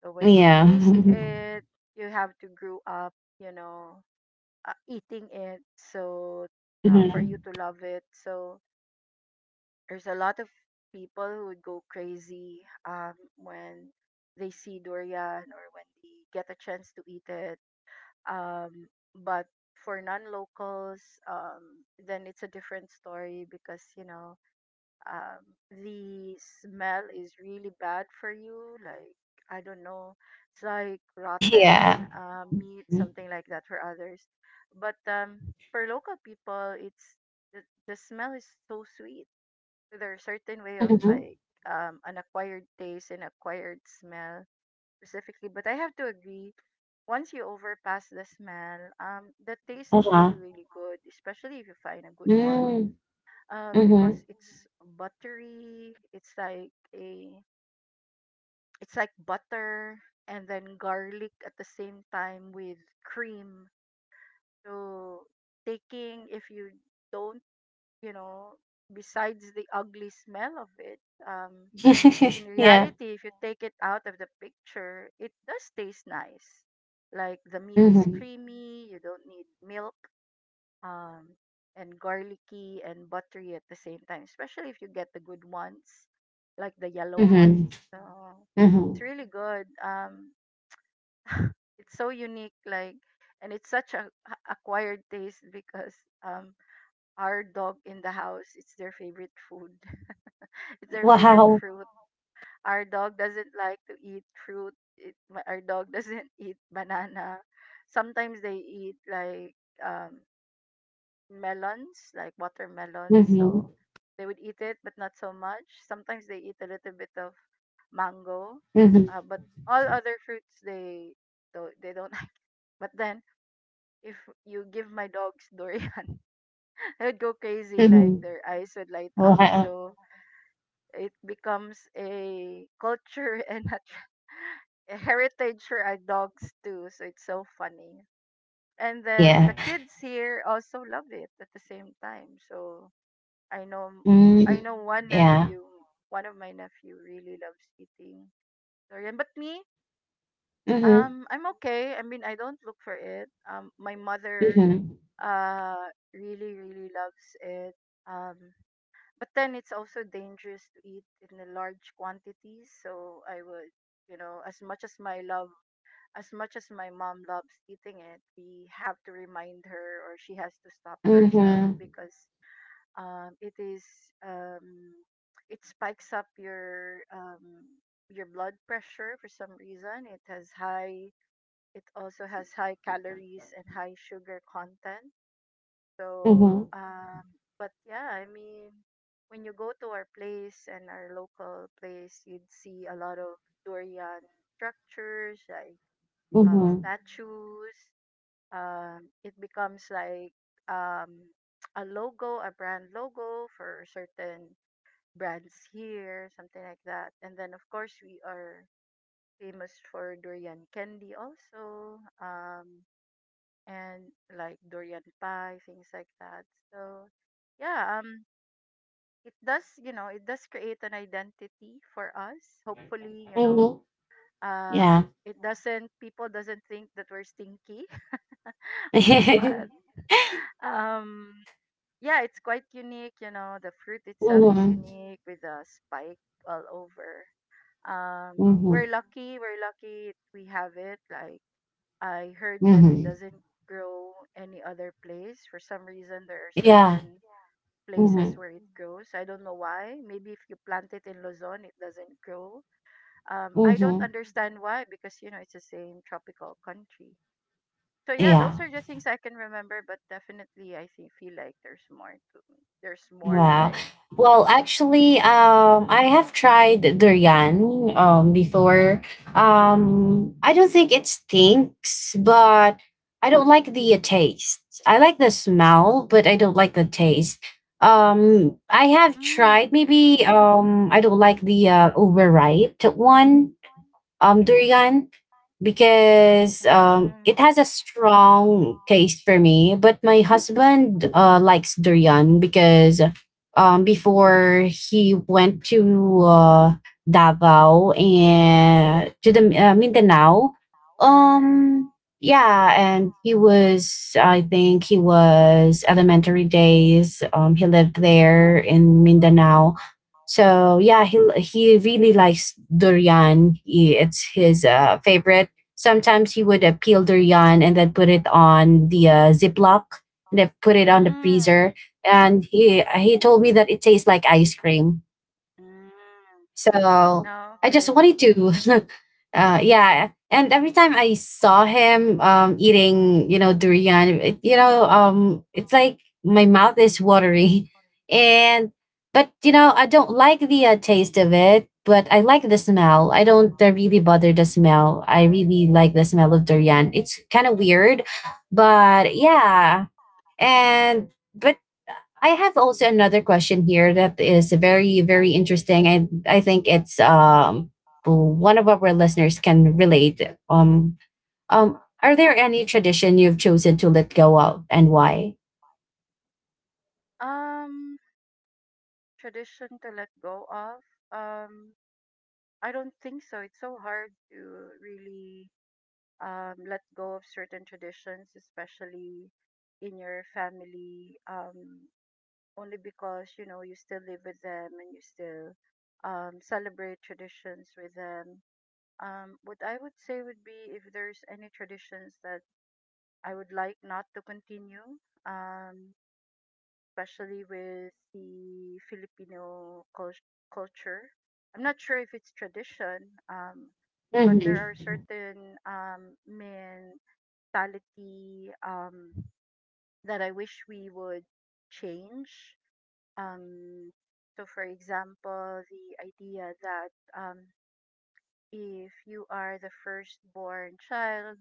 So when you
Yeah.
taste, yeah, it, you have to grow up, you know, eating it. So for
Mm-hmm.
you to love it, so there's a lot of people who would go crazy when they see durian or when they get a chance to eat it. Um, but for non-locals, then it's a different story because, you know, um, the smell is really bad for you. Like, I don't know, it's like rotten
Yeah.
meat, something like that for others. But for local people, the, the smell is so sweet. There's certain way of
Mm-hmm.
like, an acquired taste and acquired smell, specifically. But I have to agree, once you overpass the smell, the taste is really,
Uh-huh.
really good, especially if you find a good one,
Mm.
because
Mhm.
it's buttery, it's like butter and then garlic at the same time with cream. So taking if you don't, you know, besides the ugly smell of it, um in
Yeah.
reality, if you take it out of the picture, it does taste nice. Like, the meat is
Mhm.
creamy, you don't need milk, um, and garlicky and buttery at the same time, especially if you get the good ones, like the yellow
Mhm.
ones. So
Mhm.
it's really good. It's so unique, like, and it's such a acquired taste because um, our dog in the house, it's their favorite food, it's their favorite
Wow.
fruit. Our dog doesn't like to eat fruit. Our dog doesn't eat banana. Sometimes they eat like um, melons, like watermelons.
Mhm.
So they would eat it, but not so much. Sometimes they eat a little bit of mango,
Mhm.
but all other fruits they don't like. But then if you give my dogs durian, they would go crazy. Like,
Mhm.
their eyes would light up.
Wow.
So it becomes a culture and a heritage for our dogs too. So it's so funny. And then
Yeah.
the kids here also love it at the same time. So I know I
Mm.
know one
Yeah.
nephew, one of my nephew really loves eating durian. But me,
Mhm.
I'm okay. I mean, I don't look for it. My mother
Mhm.
uh really, really loves it. Um, but then it's also dangerous to eat in a large quantities, so I would, you know, as much as my mom loves eating it, we have to remind her, or she has to stop herself
Mhm.
because it is, um it spikes up your blood pressure for some reason. It also has high calories and high sugar content, so,
Mhm.
Mhm, but yeah, I mean, when you go to our place and our local place, you'd see a lot of durian structures, like
Mhm.
statues. It becomes like um, a logo, a brand logo for certain brands here, something like that. And then, of course, we are famous for durian candy also. And like durian pie, things like that. So yeah, it does, you know, it does create an identity for us. Hopefully, you know,
Mhm.
um
Yeah.
it doesn't people doesn't think that we're stinky, but um yeah, it's quite unique, you know, the fruit itself is
Mhm.
unique with a spike all over.
Mhm.
We're lucky, we're lucky we have it like I heard that it
Mhm.
doesn't grow any other place. For some reason, there are
Yeah.
certain places
Mhm.
where it grows. I don't know why. Maybe if you plant it in Luzon, it doesn't grow. I don't
Mhm.
understand why because you know it's the same tropical country. So yeah, those
Yeah.
are the things I can remember. But definitely, I think feel like there's more. There's more that
Wow.
I
Well,
missed.
actually, I have tried durian before. I don't think it stinks, but I don't like the taste. I like the smell, but I don't like the taste. I have tried
Mm,
maybe I don't like the overripe one durian, because
mm,
it has a strong taste for me. But my husband likes durian, because before he went to Davao and to the Mindanao, um, yeah, and he was, I think he was elementary days. He lived there in Mindanao. So yeah, he really likes durian. He, it's his favorite. Sometimes he would peel durian and then put it on the Ziploc, and then put it on the
mm,
freezer. And he told me that it tastes like ice cream.
mm.
So I just
Okay.
wanted to. Yeah. And every time I saw him eating, durian, it's like my mouth is watery. And, but, I don't like the taste of it, but I like the smell. I don't really bother the smell. I really like the smell of durian. It's kind of weird, but yeah. And, but I have also another question here that is very, very interesting. And I think it's one of our listeners can relate. Um, are there any tradition you've chosen to let go of, and why?
Um. Tradition to let go of? Um, I don't think so. It's so hard to really let go of certain traditions, especially in your family, only because you know you still live with them and you still celebrate traditions with them. What I would say would be if there's any traditions that I would like not to continue. Um, Especially with the culture. I'm not sure if it's tradition, um, but there are
Mm-hmm.
certain mentality that I wish we would change. Um, so, for example, the idea that um, if you are the firstborn child,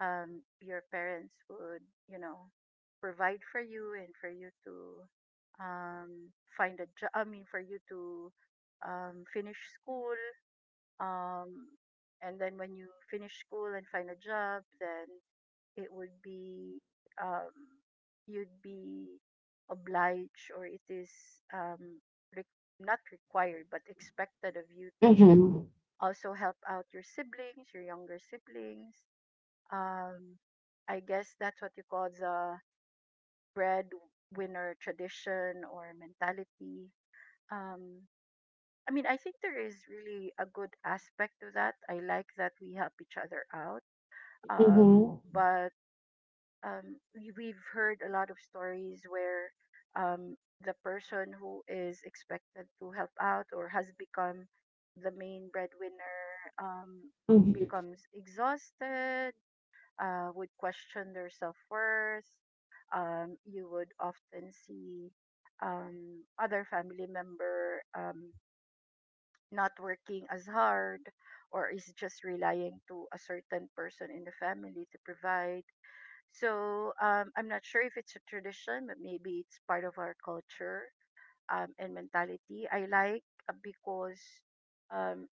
your parents would, you know, provide for you and for you to um, find a job. I mean, for you to finish school. Um, and then when you finish school and find a job, then it would be um, you'd be obliged, or it is um, re- not required, but expected of you to
Mm-hmm.
also help out your siblings, your younger siblings, um I guess that's what you call the breadwinner tradition or mentality. Um, I mean, I think there is really a good aspect to that. I like that we help each other out. Um,
Mm-hmm.
but we've heard a lot of stories where um, the person who is expected to help out or has become the main breadwinner um,
Mm-hmm.
becomes exhausted would question their self worth. You would often see other family member not working as hard or is just relying to a certain person in the family to provide. So I'm not sure if it's a tradition, but maybe it's part of our culture and mentality. I like because um,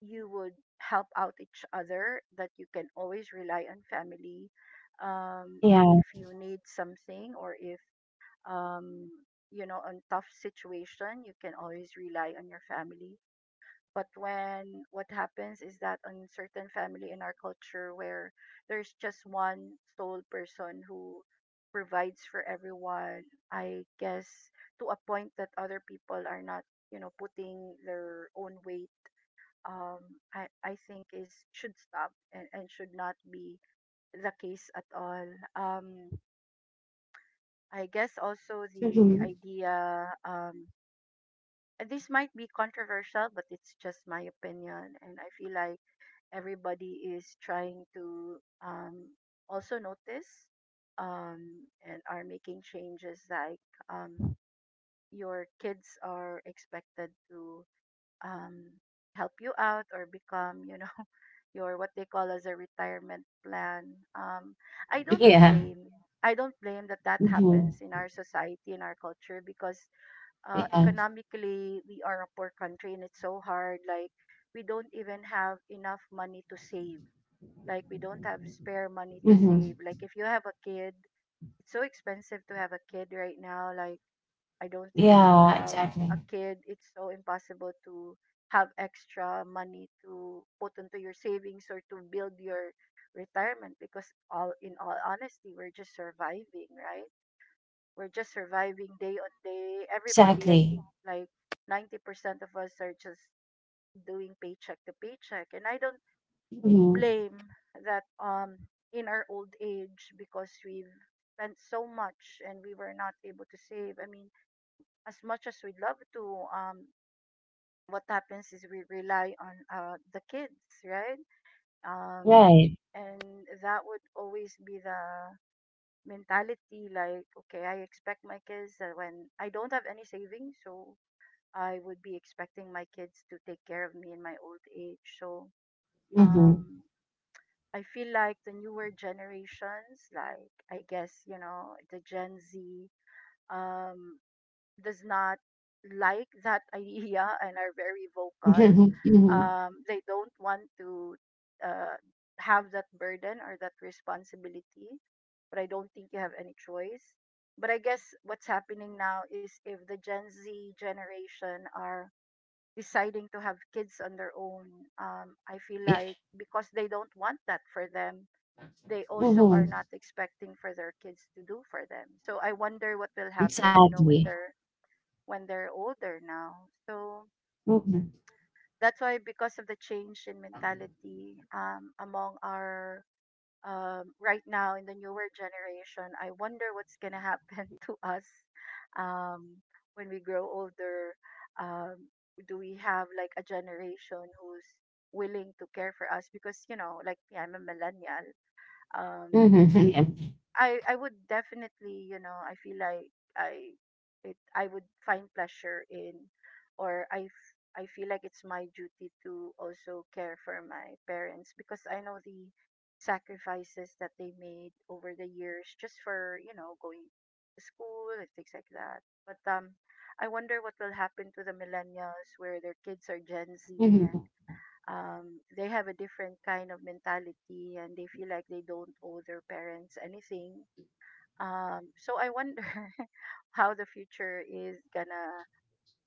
you would help out each other, that you can always rely on family
Yeah.
if you need something or if, um, you know, on tough situation, you can always rely on your family. But when what happens is that on certain family in our culture where there's just one sole person who provides for everyone, I guess to a point that other people are not, you know, putting their own weight um, I think is should stop and should not be the case at all. Um, I guess also the
Mm-hmm.
idea and this might be controversial, but it's just my opinion, and I feel like everybody is trying to um, also notice and are making changes like um, your kids are expected to um, help you out or become, you know, your what they call as a retirement plan. I don't
Yeah.
blame. I don't blame that that
Mm-hmm.
happens in our society, in our culture, because
Yeah.
economically we are a poor country and it's so hard. Like we don't even have enough money to save. Like we don't have spare money to save.
Mm-hmm.
Like if you have a kid, it's so expensive to have a kid right now. Like I don't think if you
Yeah.
have a
Exactly.
kid, it's so impossible to have extra money to put into your savings or to build your retirement because all in all honesty, we're just surviving, right? We're just surviving day on day. Everybody, I think
Exactly.
like 90% of us are just doing paycheck to paycheck and I don't
Mhm.
blame that in our old age because we've spent so much and we were not able to save. I mean, as much as we'd love to, what happens is we rely on the kids, right? Um,
Right.
and that would always be the mentality like, okay, I expect my kids that when I don't have any savings, so I would be expecting my kids to take care of me in my old age. So
Mhm.
um, I feel like the newer generations, like I guess, you know, the Gen Z, um, does not like that idea and are very vocal.
Mhm.
They don't want to uh, have that burden or that responsibility, but I don't think you have any choice. But I guess what's happening now is if the Gen Z generation are deciding to have kids on their own, I feel
Yeah.
like because they don't want that for them, they also are
Mhm.
not expecting for their kids to do for them. So I wonder what will happen, you know, when
Exactly.
their when they're older now. So
Mhm.
that's why, because of the change in mentality among our right now in the newer generation, I wonder what's gonna happen to us um, when we grow older. Um, do we have like a generation who's willing to care for us? Because you know, like me, I'm a millennial. Um,
Mhm. Yeah.
I would definitely, you know, I feel like I I would find pleasure in or I feel like it's my duty to also care for my parents because I know the sacrifices that they made over the years just for, you know, going to school and things like that. But I wonder what will happen to the millennials where their kids are Gen Z
Mhm.
and they have a different kind of mentality and they feel like they don't owe their parents anything so I wonder how the future is gonna,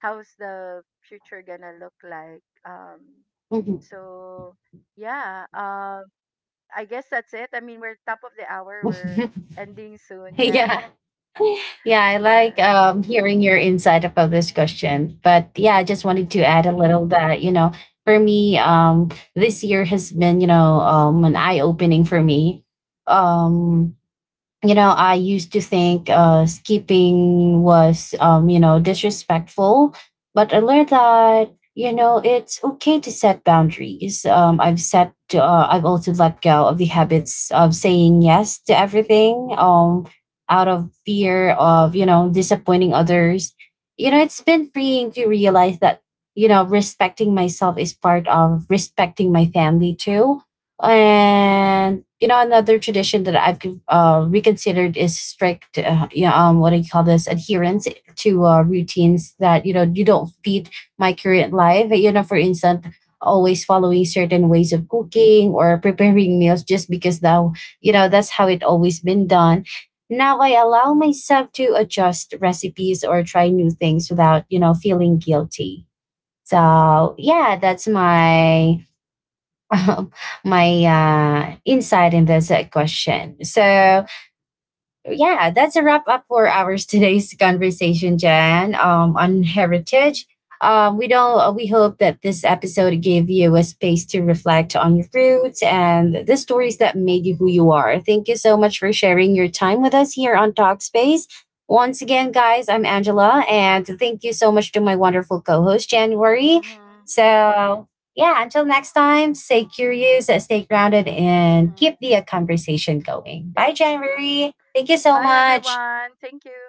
how's the future gonna look like.
Mhm.
So yeah, um, I guess that's it. I mean, we're top of the hour. We're ending soon. Yeah,
Yeah. Yeah, I
yeah.
like hearing your insight about this question. But yeah, I just wanted to
Mm-hmm.
add a little that, for me, this year has been, an eye opening for me. Um, I used to think skipping was, disrespectful, but I learned that it's okay to set boundaries. I've also let go of the habits of saying yes to everything, out of fear of disappointing others. You know, it's been freeing to realize that respecting myself is part of respecting my family too. And another tradition that I've reconsidered is strict, what do you call this, adherence to routines that you don't feed my current life. You know, for instance, always following certain ways of cooking or preparing meals just because now that's how it always been done. Now I allow myself to adjust recipes or try new things without feeling guilty. So yeah, that's my my insight in this question. So, yeah, that's a wrap up for our today's conversation, Jan, on heritage. We don't. We hope that this episode gave you a space to reflect on your roots and the stories that made you who you are. Thank you so much for sharing your time with us here on Talkspace. Once again, guys, I'm Angela, and thank you so much to my wonderful co-host January.
Mm-hmm.
So yeah, until next time, stay curious, stay grounded, and keep
Mm-hmm.
the conversation going. Bye,
Yep.
January. Thank you so
Bye,
much.
everyone. Thank you.